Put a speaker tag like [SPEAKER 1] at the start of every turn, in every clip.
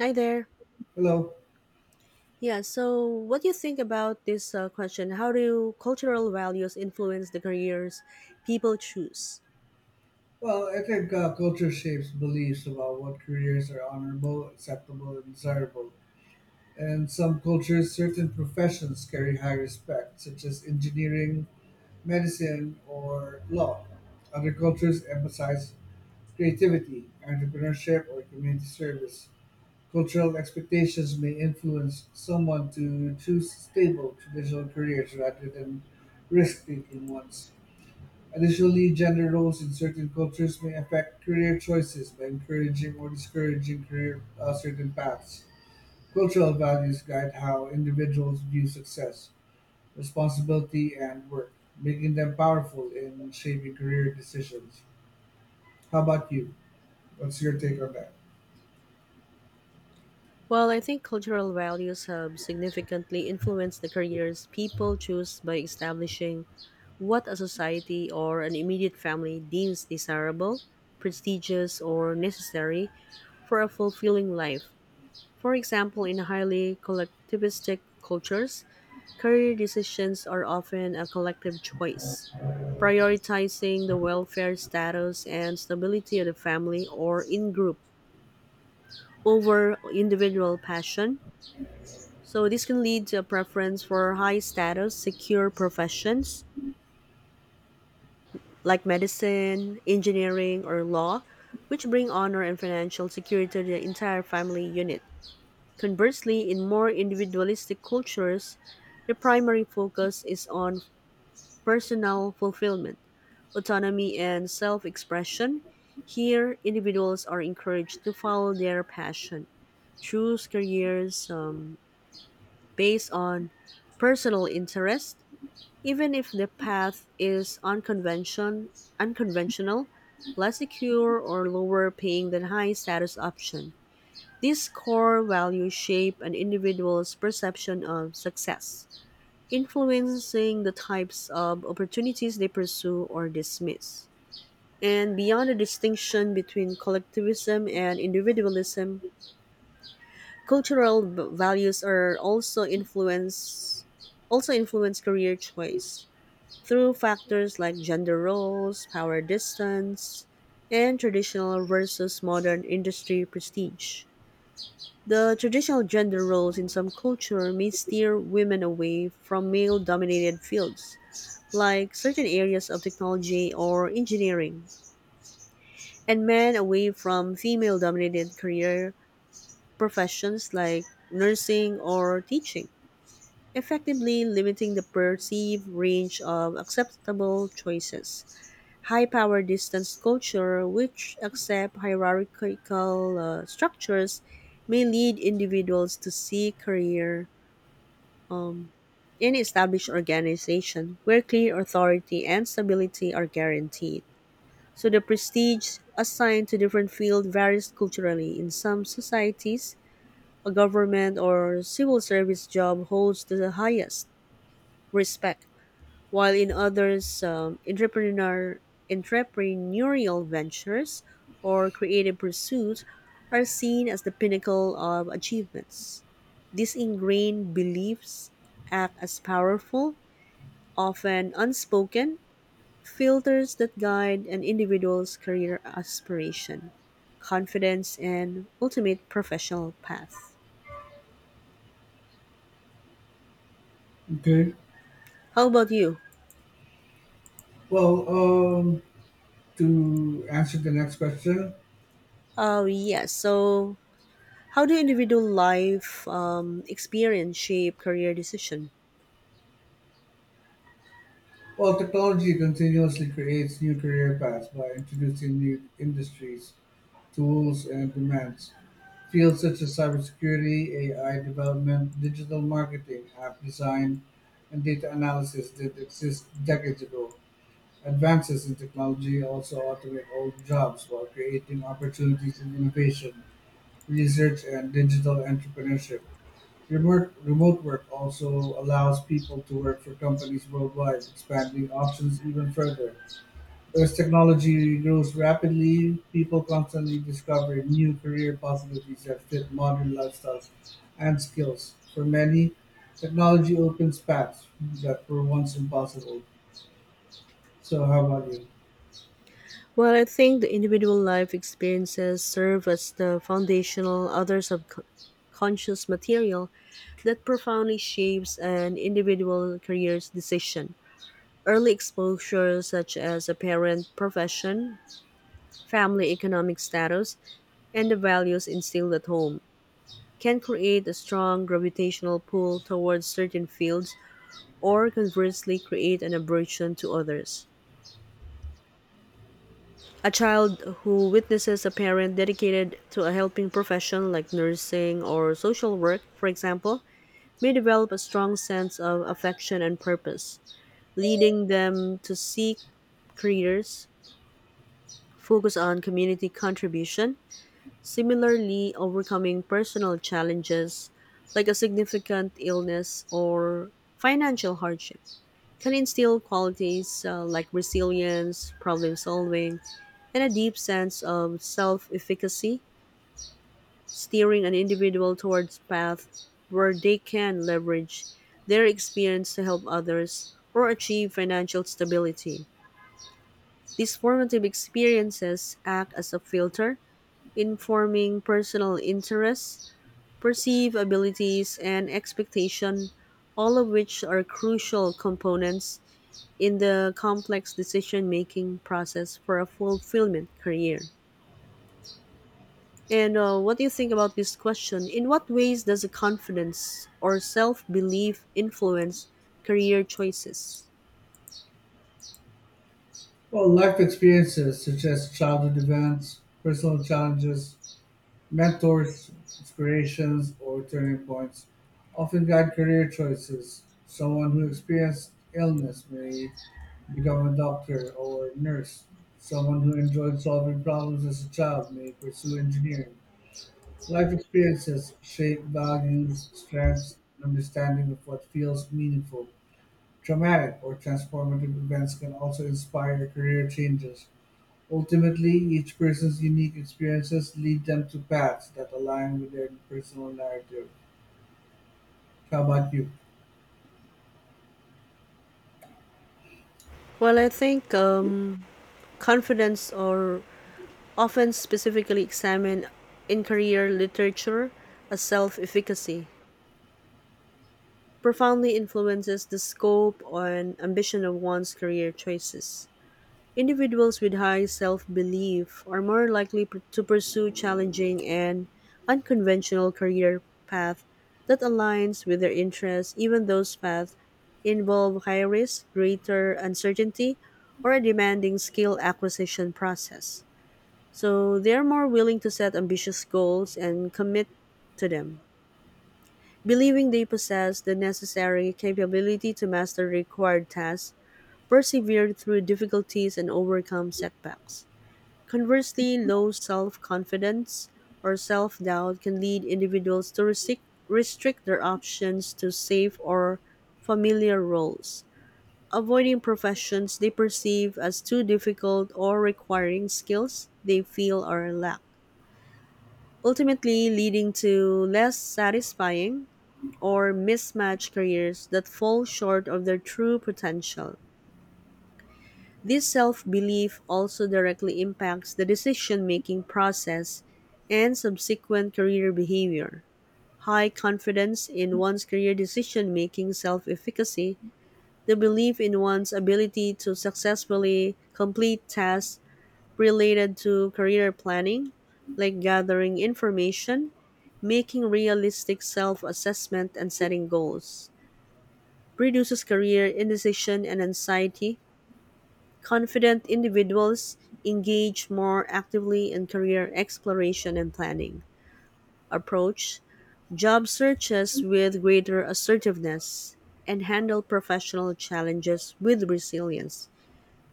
[SPEAKER 1] Hi there.
[SPEAKER 2] Hello.
[SPEAKER 1] Yeah, so what do you think about this question? How do cultural values influence the careers people choose?
[SPEAKER 2] Well, I think culture shapes beliefs about what careers are honorable, acceptable, and desirable. And some cultures, certain professions carry high respect, such as engineering, medicine, or law. Other cultures emphasize creativity, entrepreneurship, or community service. Cultural expectations may influence someone to choose stable, traditional careers rather than risk taking ones. Additionally, gender roles in certain cultures may affect career choices by encouraging or discouraging career certain paths. Cultural values guide how individuals view success, responsibility, and work, making them powerful in shaping career decisions. How about you? What's your take on that?
[SPEAKER 1] Well, I think cultural values have significantly influenced the careers people choose by establishing what a society or an immediate family deems desirable, prestigious, or necessary for a fulfilling life. For example, in highly collectivistic cultures, career decisions are often a collective choice prioritizing the welfare status and stability of the family or in group over individual passion. So this can lead to a preference for high status, secure professions like medicine, engineering, or law, which bring honor and financial security to the entire family unit. Conversely, in more individualistic cultures, the primary focus is on personal fulfillment, autonomy, and self expression. Here, individuals are encouraged to follow their passion, choose careers based on personal interest, even if the path is unconventional, less secure, or lower paying than high status option. These core values shape an individual's perception of success influencing the types of opportunities they pursue or dismiss. And beyond the distinction between collectivism and individualism, cultural values are also influence career choice through factors like gender roles, power distance, and traditional versus modern industry prestige. The traditional gender roles in some culture may steer women away from male dominated fields, like certain areas of technology or engineering, and men away from female dominated career professions like nursing or teaching, effectively limiting the perceived range of acceptable choices. High power distance culture, which accept hierarchical structures, may lead individuals to seek career in established organization where clear authority and stability are guaranteed. So the prestige assigned to different fields varies culturally. In some societies, a government or civil service job holds the highest respect, while in others, entrepreneurial ventures or creative pursuits are seen as the pinnacle of achievements. These ingrained beliefs act as powerful, often unspoken, filters that guide an individual's career aspiration, confidence, and ultimate professional path.
[SPEAKER 2] Okay.
[SPEAKER 1] How about you?
[SPEAKER 2] Well, to answer the next question,
[SPEAKER 1] Oh, yes. So, how do individual life experience shape career decision?
[SPEAKER 2] well, technology continuously creates new career paths by introducing new industries, tools, and demands. Fields such as cybersecurity, AI development, digital marketing, app design, and data analysis did exist decades ago. Advances in technology also automate old jobs while creating opportunities in innovation, research, and digital entrepreneurship. Remote work also allows people to work for companies worldwide, expanding options even further. As technology grows rapidly, people constantly discover new career possibilities that fit modern lifestyles and skills. For many, technology opens paths that were once impossible. So, how about you?
[SPEAKER 1] Well, I think the individual life experiences serve as the foundational, other subconscious material that profoundly shapes an individual career's decision. Early exposure, such as a parent profession, family economic status, and the values instilled at home can create a strong gravitational pull towards certain fields or conversely create an aversion to others. A child who witnesses a parent dedicated to a helping profession like nursing or social work, for example, may develop a strong sense of affection and purpose, leading them to seek careers, focus on community contribution. Similarly, overcoming personal challenges like a significant illness or financial hardship can instill qualities like resilience, problem solving, and a deep sense of self efficacy, steering an individual towards path where they can leverage their experience to help others or achieve financial stability. These formative experiences act as a filter informing personal interests perceived abilities, and expectation, all of which are crucial components in the complex decision making process for a fulfillment career. And what do you think about this question? In what ways does a confidence or self belief influence career choices?
[SPEAKER 2] Well, life experiences such as childhood events, personal challenges, mentors, inspirations, or turning points often guide career choices. Someone who experienced illness may become a doctor or nurse. Someone who enjoyed solving problems as a child may pursue engineering. Life experiences shape values, strengths, and understanding of what feels meaningful. Traumatic or transformative events can also inspire career changes. Ultimately, each person's unique experiences lead them to paths that align with their personal narrative. How about you?
[SPEAKER 1] Well, I think confidence or often specifically examined in career literature as self efficacy, profoundly influences the scope and ambition of one's career choices. Individuals with high self belief are more likely to pursue challenging and unconventional career path that aligns with their interests, even those paths involve high risk, greater uncertainty, or a demanding skill acquisition process. So they are more willing to set ambitious goals and commit to them. Believing they possess the necessary capability to master required tasks, persevere through difficulties, and overcome setbacks. Conversely, low self confidence or self doubt can lead individuals to restrict their options to safe or familiar roles, avoiding professions they perceive as too difficult or requiring skills they feel or lack, ultimately leading to less satisfying or mismatched careers that fall short of their true potential. This self belief also directly impacts the decision making process and subsequent career behavior. High confidence in one's career decision making self efficacy, the belief in one's ability to successfully complete tasks related to career planning, like gathering information, making realistic self assessment, and setting goals, reduces career indecision and anxiety. Confident individuals engage more actively in career exploration and planning, approach job searches with greater assertiveness, and handle professional challenges with resilience,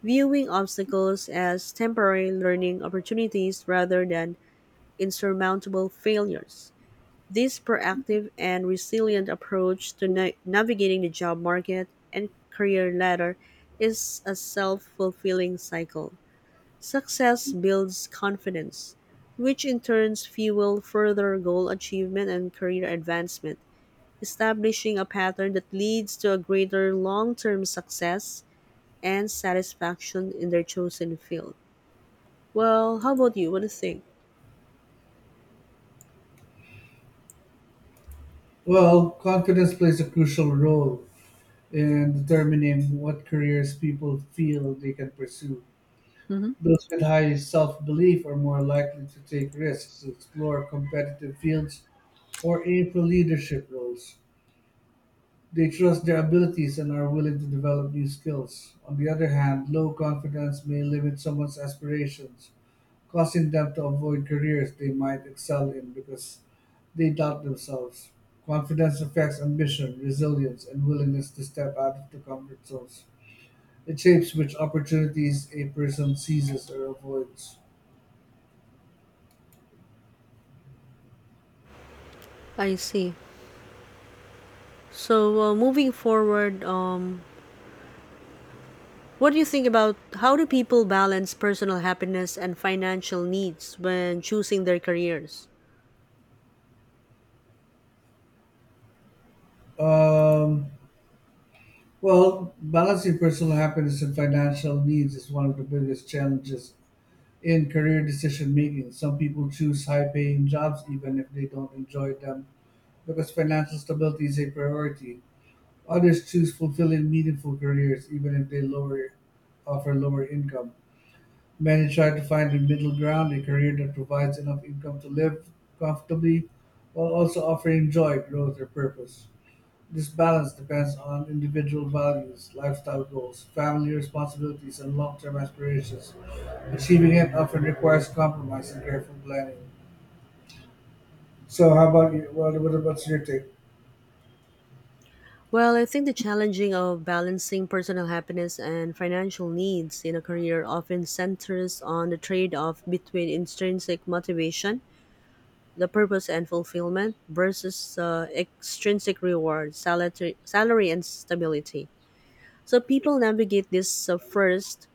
[SPEAKER 1] viewing obstacles as temporary learning opportunities rather than insurmountable failures. This proactive and resilient approach to navigating the job market and career ladder is a self fulfilling cycle. Success builds confidence, which in turn fuel further goal achievement and career advancement, establishing a pattern that leads to a greater long term success and satisfaction in their chosen field. Well, how about you? What do you think?
[SPEAKER 2] Well, confidence plays a crucial role and determining what careers people feel they can pursue.
[SPEAKER 1] hmm
[SPEAKER 2] Those with high self belief are more likely to take risks, explore competitive fields, or aim for leadership roles. They trust their abilities and are willing to develop new skills. On the other hand, low confidence may limit someone's aspirations, causing them to avoid careers they might excel in because they doubt themselves. Confidence affects ambition, resilience, and willingness to step out of the comfort zones. It shapes which opportunities a person seizes or avoids.
[SPEAKER 1] I see. So, moving forward, what do you think about how do people balance personal happiness and financial needs when choosing their careers?
[SPEAKER 2] Um, well, balancing personal happiness and financial needs is one of the biggest challenges in career decision making. Some people choose high paying jobs even if they don't enjoy them because financial stability is a priority. Others choose fulfilling meaningful careers even if they lower offer lower income. Many try to find a middle ground, a career that provides enough income to live comfortably while also offering joy, growth, or purpose. This balance depends on individual values, lifestyle goals, family responsibilities, and long term aspirations. Achieving it often requires compromise and careful planning. So, how about you? What about your take?
[SPEAKER 1] Well, I think the challenging of balancing personal happiness and financial needs in a career often centers on the trade-off between intrinsic motivation, the purpose and fulfillment, versus extrinsic reward, salary and stability. So people navigate this first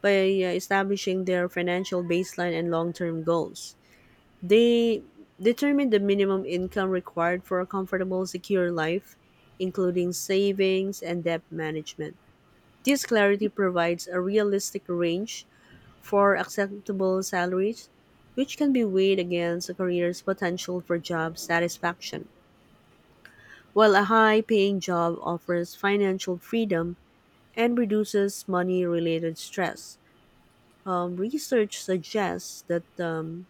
[SPEAKER 1] by establishing their financial baseline and long-term goals. They determine the minimum income required for a comfortable, secure life, including savings and debt management. This clarity provides a realistic range for acceptable salaries, which can be weighed against a career's potential for job satisfaction. While a high paying job offers financial freedom and reduces money related stress, research suggests that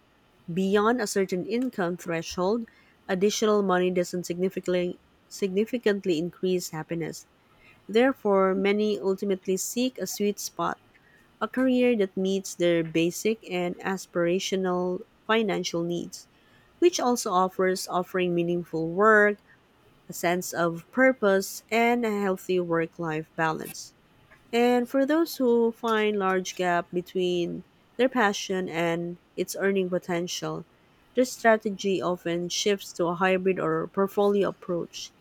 [SPEAKER 1] beyond a certain income threshold, additional money doesn't significantly, significantly increase happiness. Therefore, many ultimately seek a sweet spot, a career that meets their basic and aspirational financial needs, which also offers offering meaningful work, a sense of purpose, and a healthy work-life balance. And for those who find large gap between their passion and its earning potential, their strategy often shifts to a hybrid or portfolio approach.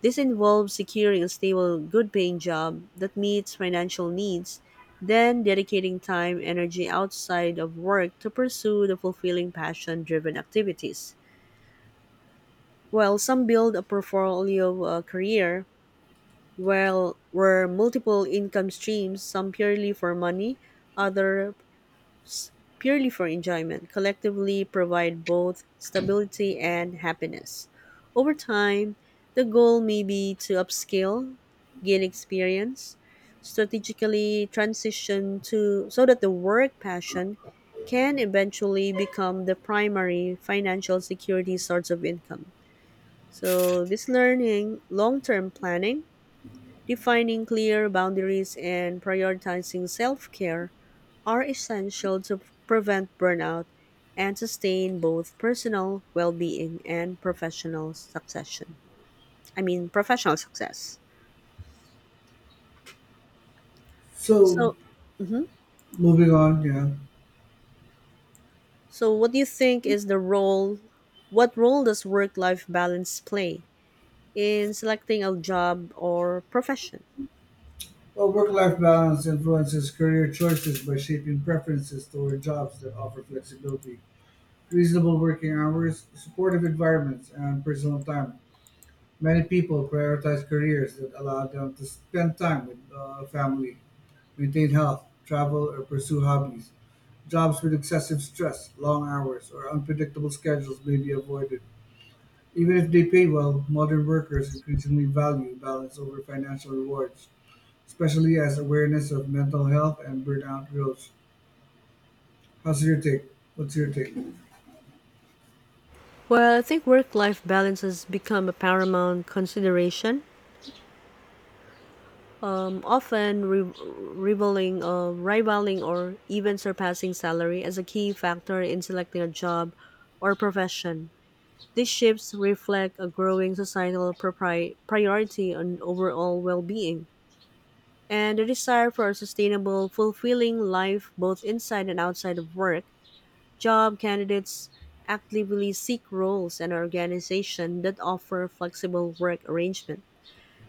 [SPEAKER 1] This involves securing a stable, good paying job that meets financial needs, then dedicating time and energy outside of work to pursue the fulfilling passion driven activities. While some build a portfolio career, well, were multiple income streams, some purely for money, other purely for enjoyment, collectively provide both stability and happiness. Over time, the goal may be to upscale, gain experience, strategically transition to so that the work passion can eventually become the primary financial security source of income. So this learning, long-term planning defining clear boundaries and prioritizing self care are essential to prevent burnout and sustain both personal well being and professional success.
[SPEAKER 2] So,
[SPEAKER 1] So, hmm
[SPEAKER 2] moving on,
[SPEAKER 1] so what do you think is the role? What role does work life balance play in selecting a job or profession?
[SPEAKER 2] well, work life balance influences career choices by shaping preferences toward jobs that offer flexibility, reasonable working hours, supportive environments, and personal time. Many people prioritize careers that allow them to spend time with family, maintain health, travel, or pursue hobbies. Jobs with excessive stress, long hours, or unpredictable schedules may be avoided. Even if they pay well, modern workers increasingly value balance over financial rewards, especially as awareness of mental health and burnout grows. How's your take? What's your take?
[SPEAKER 1] Well, I think work life balance has become a paramount consideration, often rivaling or even surpassing salary as a key factor in selecting a job or profession. These shifts reflect a growing societal priority on overall well being and a desire for a sustainable, fulfilling life both inside and outside of work. Job candidates actively seek roles and organizations that offer flexible work arrangement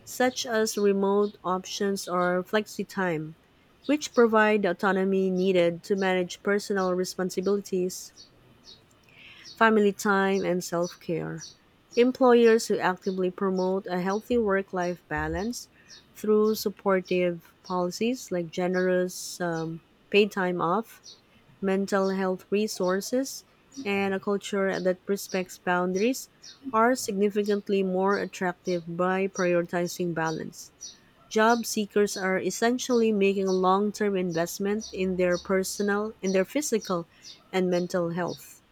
[SPEAKER 1] such as remote options or flexi time, which provide the autonomy needed to manage personal responsibilities, family time, and self care. Employers who actively promote a healthy work life balance through supportive policies like generous paid time off, mental health resources, and a culture that respects boundaries are significantly more attractive by prioritizing balance. Job seekers are essentially making a long-term investment in their personal, in their physical and mental health,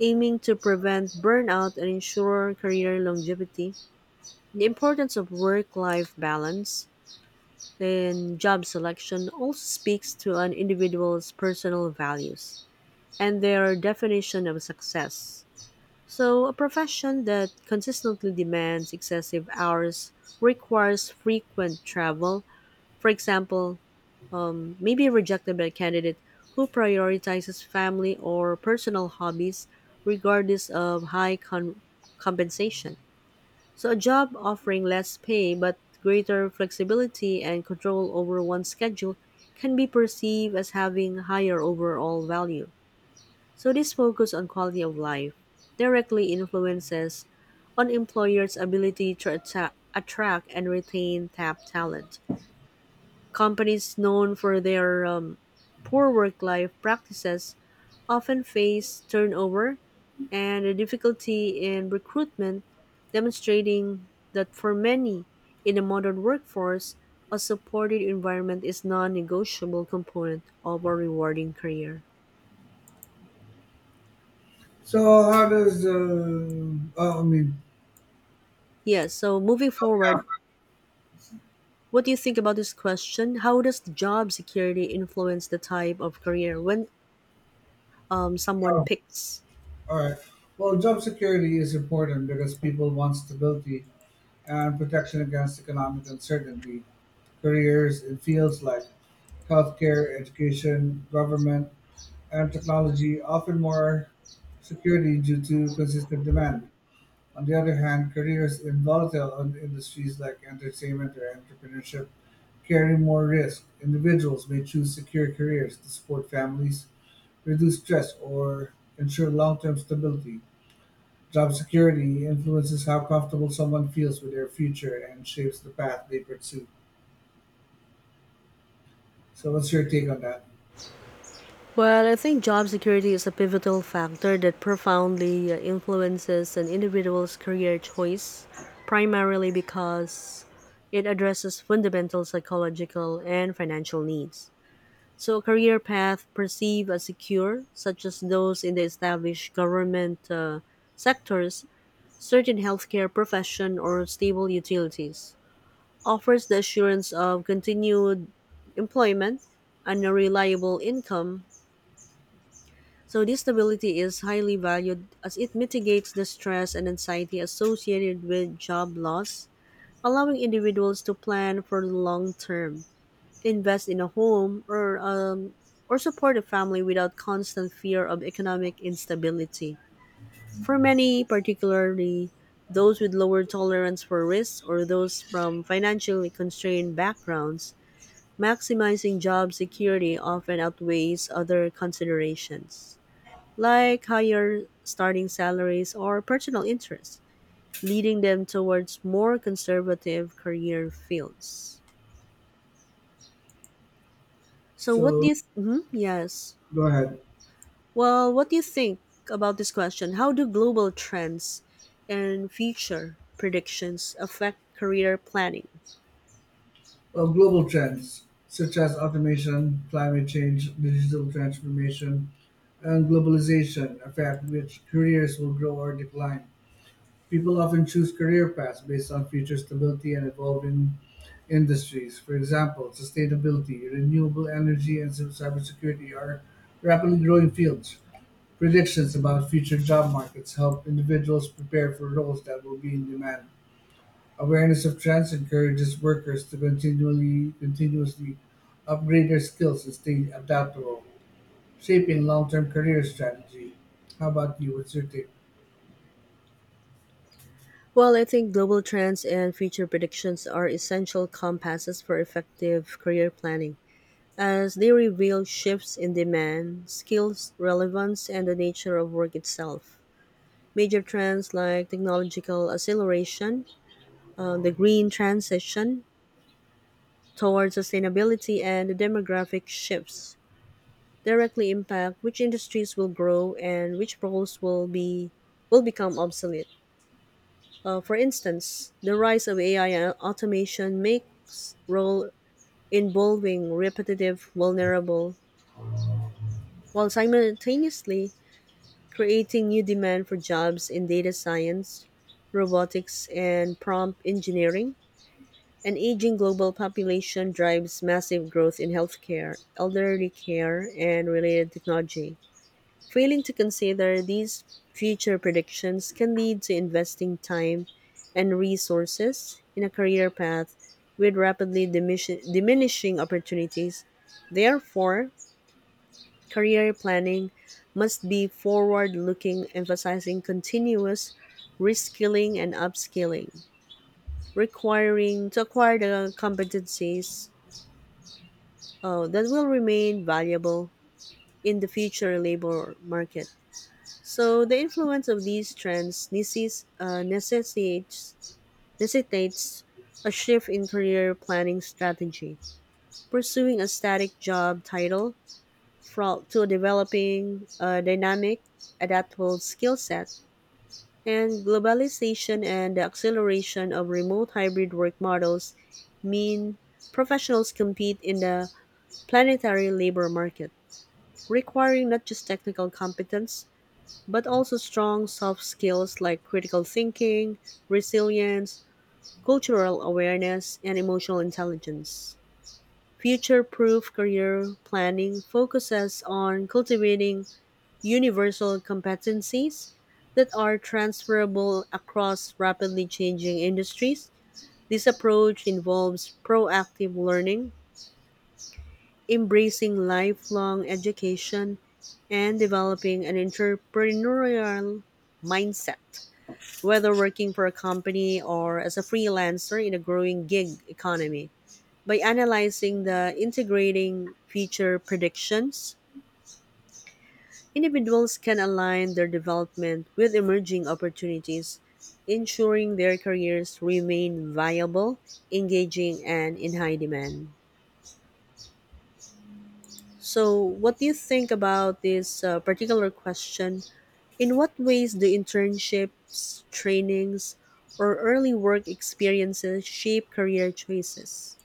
[SPEAKER 1] aiming to prevent burnout and ensure career longevity. The importance of work-life balance in job selection also speaks to an individual's personal values and their definition of success. So, a profession that consistently demands excessive hours requires frequent travel, for example, may be rejected by a candidate who prioritizes family or personal hobbies regardless of high compensation. So, a job offering less pay but greater flexibility and control over one's schedule can be perceived as having higher overall value. So, this focus on quality of life directly influences on employers' ability to attract and retain top talent. Companies known for their poor work life practices often face turnover and a difficulty in recruitment, demonstrating that for many in the modern workforce, a supported environment is non negotiable component of a rewarding career.
[SPEAKER 2] So, how does oh, I mean,
[SPEAKER 1] Yes, so moving
[SPEAKER 2] So, yeah,
[SPEAKER 1] forward, what do you think about this question? How does job security influence the type of career when someone
[SPEAKER 2] oh,
[SPEAKER 1] picks?
[SPEAKER 2] all right. Well, job security is important because people want stability and protection against economic uncertainty. Careers in fields like healthcare, education, government, and technology offer more security due to consistent demand. On the other hand, careers in industries like entertainment or entrepreneurship carry more risk. Individuals may choose secure careers to support families, reduce stress, or ensure long term stability. Job security influences how comfortable someone feels with their future and shapes the path they pursue. So, what's your take on that?
[SPEAKER 1] Well, I think job security is a pivotal factor that profoundly influences an individual's career choice, primarily because it addresses fundamental psychological and financial needs. So, a career path perceived as secure, such as those in the established government sectors, certain healthcare profession, or stable utilities, offers the assurance of continued employment and a reliable income, so this stability is highly valued as it mitigates the stress and anxiety associated with job loss, allowing individuals to plan for the long term, invest in a home or or support a family without constant fear of economic instability. For many, particularly those with lower tolerance for risk or those from financially constrained backgrounds, maximizing job security often outweighs other considerations like higher starting salaries or personal interests, leading them towards more conservative career fields. So, what do
[SPEAKER 2] So,
[SPEAKER 1] you? Yes.
[SPEAKER 2] go ahead.
[SPEAKER 1] Well, what do you think about this question? How do global trends and future predictions affect career planning?
[SPEAKER 2] Well, global trends such as automation, climate change, digital transformation, and globalization affect which careers will grow or decline. People often choose career paths based on future stability and evolving industries. For example, sustainability, renewable energy, and cybersecurity are rapidly growing fields. Predictions about future job markets help individuals prepare for roles that will be in demand. Awareness of trends encourages workers to continually continuously upgrade their skills and stay adaptable, shaping long-term career strategy. How about you? What's your take?
[SPEAKER 1] Well, I think global trends and future predictions are essential compasses for effective career planning, as they reveal shifts in demand, skills relevance, and the nature of work itself. Major trends like technological acceleration, the green transition towards sustainability, and the demographic shifts directly impact which industries will grow and which roles will become obsolete. For instance, the rise of AI and automation makes role involving repetitive vulnerable, while simultaneously creating new demand for jobs in data science, robotics, and prompt engineering. An aging global population drives massive growth in healthcare, elderly care, and related technology. Failing to consider these future predictions can lead to investing time and resources in a career path with rapidly diminishing opportunities. Therefore, career planning must be forward looking, emphasizing continuous reskilling and upskilling, requiring to acquire the competencies that will remain valuable in the future labor market. So the influence of these trends necessitates a shift in career planning strategy. Pursuing a static job title to developing a dynamic, adaptable skill set, and globalization and the acceleration of remote hybrid work models mean professionals compete in the planetary labor market, requiring not just technical competence, but also strong soft skills like critical thinking, resilience, cultural awareness, and emotional intelligence. Future proof career planning focuses on cultivating universal competencies that are transferable across rapidly changing industries. This approach involves proactive learning, embracing lifelong education, and developing an entrepreneurial mindset, whether working for a company or as a freelancer in a growing gig economy. By analyzing the integrating feature predictions, individuals can align their development with emerging opportunities, ensuring their careers remain viable, engaging, and in high demand. So, what do you think about this particular question? In what ways do internships, trainings, or early work experiences shape career choices?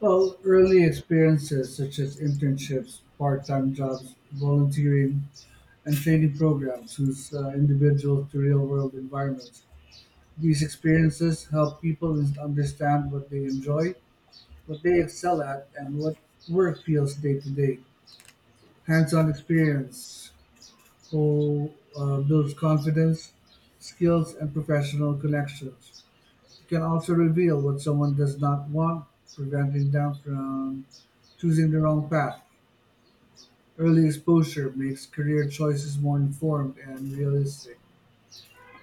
[SPEAKER 2] Well, early experiences such as internships, part-time jobs, volunteering, and training programs whose individuals to real-world environments. These experiences help people understand what they enjoy, what they excel at, and what work feels day to day. Hands on experience who builds confidence, skills, and professional connections. It can also reveal what someone does not want, preventing them from choosing the wrong path. Early exposure makes career choices more informed and realistic.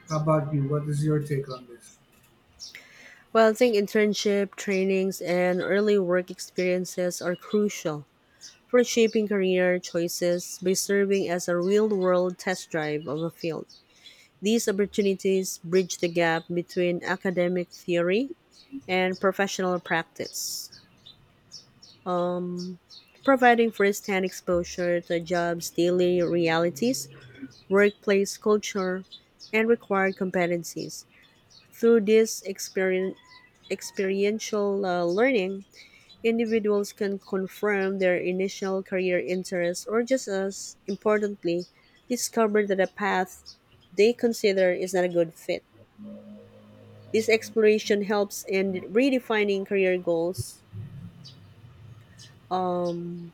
[SPEAKER 2] How about you? What is your take on this?
[SPEAKER 1] Well, I think internship, trainings, and early work experiences are crucial for shaping career choices by serving as a real world test drive of a field. These opportunities bridge the gap between academic theory and professional practice, um, providing first hand exposure to a job's daily realities, workplace culture, and required competencies. Through this experience, experiential learning, individuals can confirm their initial career interests or, just as importantly, discover that a path they consider is not a good fit. This exploration helps in redefining career goals, um,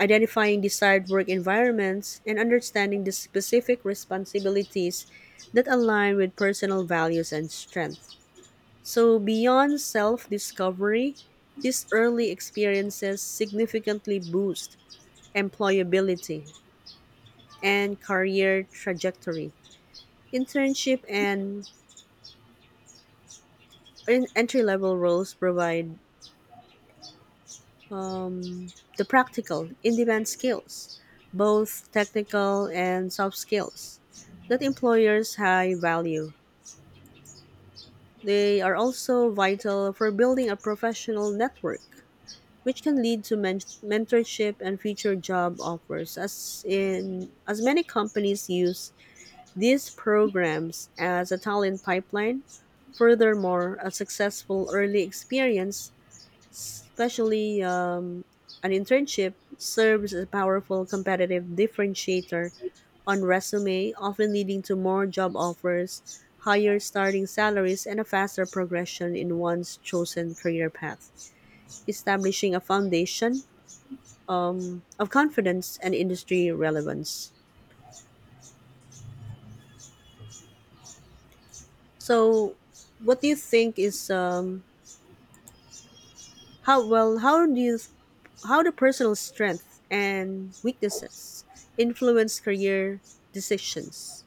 [SPEAKER 1] identifying desired work environments, and understanding the specific responsibilities that align with personal values and strengths. So, beyond self discovery, these early experiences significantly boost employability and career trajectory. Internship and entry level roles provide um, the practical, in demand skills, both technical and soft skills, that employers high value. They are also vital for building a professional network, which can lead to mentorship and future job offers, as in as many companies use these programs as a talent pipeline. Furthermore, a successful early experience, especially an internship, serves as a powerful competitive differentiator on resume, often leading to more job offers, higher starting salaries, and a faster progression in one's chosen career path, establishing a foundation of confidence and industry relevance. So, what do you think is How well? How do you? How do personal strength and weaknesses influence career decisions?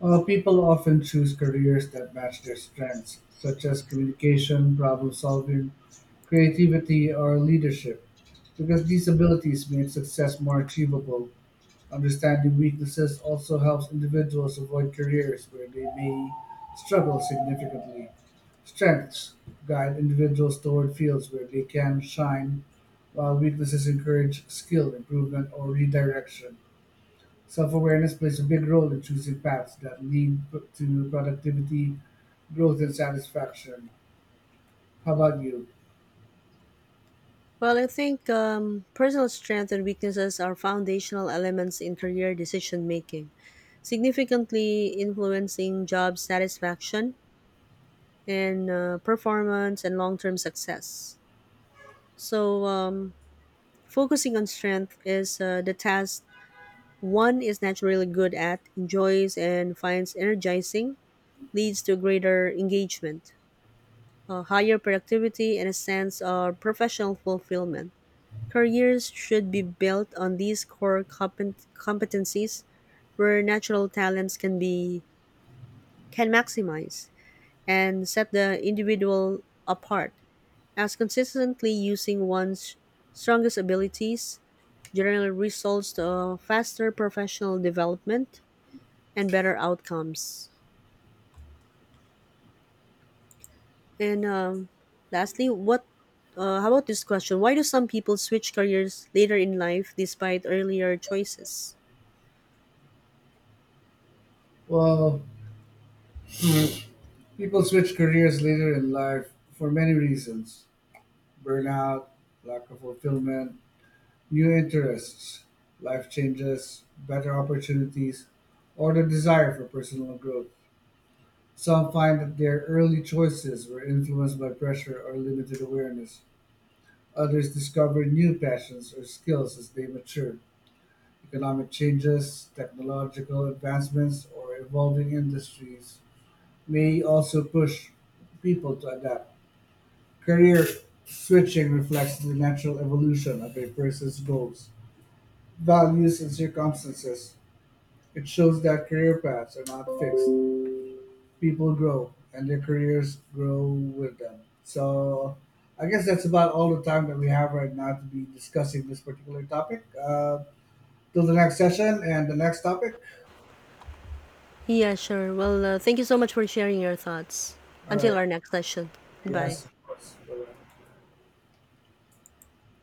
[SPEAKER 2] People often choose careers that match their strengths, such as communication, problem solving, creativity, or leadership, because these abilities make success more achievable. Understanding weaknesses also helps individuals avoid careers where they may struggle significantly. Strengths guide individuals toward fields where they can shine, while weaknesses encourage skill improvement or redirection. Self awareness plays a big role in choosing paths that lead to productivity, growth, and satisfaction. How about you?
[SPEAKER 1] Well, I think personal strength and weaknesses are foundational elements in career decision making, significantly influencing job satisfaction and performance and long term success. So, focusing on strength is the task one is naturally good at, enjoys, and finds energizing, leads to greater engagement, higher productivity, and a sense of professional fulfillment. Careers should be built on these core competencies where natural talents can be can maximize and set the individual apart as consistently using one's strongest abilities generally results to a faster professional development and better outcomes. And lastly, what? How about this question? Why do some people switch careers later in life despite earlier choices?
[SPEAKER 2] Well, people switch careers later in life for many reasons: burnout, lack of fulfillment, new interests, life changes, better opportunities, or the desire for personal growth. Some find that their early choices were influenced by pressure or limited awareness. Others discover new passions or skills as they mature. Economic changes, technological advancements, or evolving industries may also push people to adapt. Career switching reflects the natural evolution of a person's goals, values, and circumstances. It shows that career paths are not fixed. People grow, and their careers grow with them. So, I guess that's about all the time that we have right now to be discussing this particular topic. Till the next session and the next topic.
[SPEAKER 1] Yeah, sure. Well, thank you so much for sharing your thoughts.
[SPEAKER 2] All
[SPEAKER 1] Until
[SPEAKER 2] right.
[SPEAKER 1] our next session. Bye.
[SPEAKER 2] Yes, of course. Bye-bye.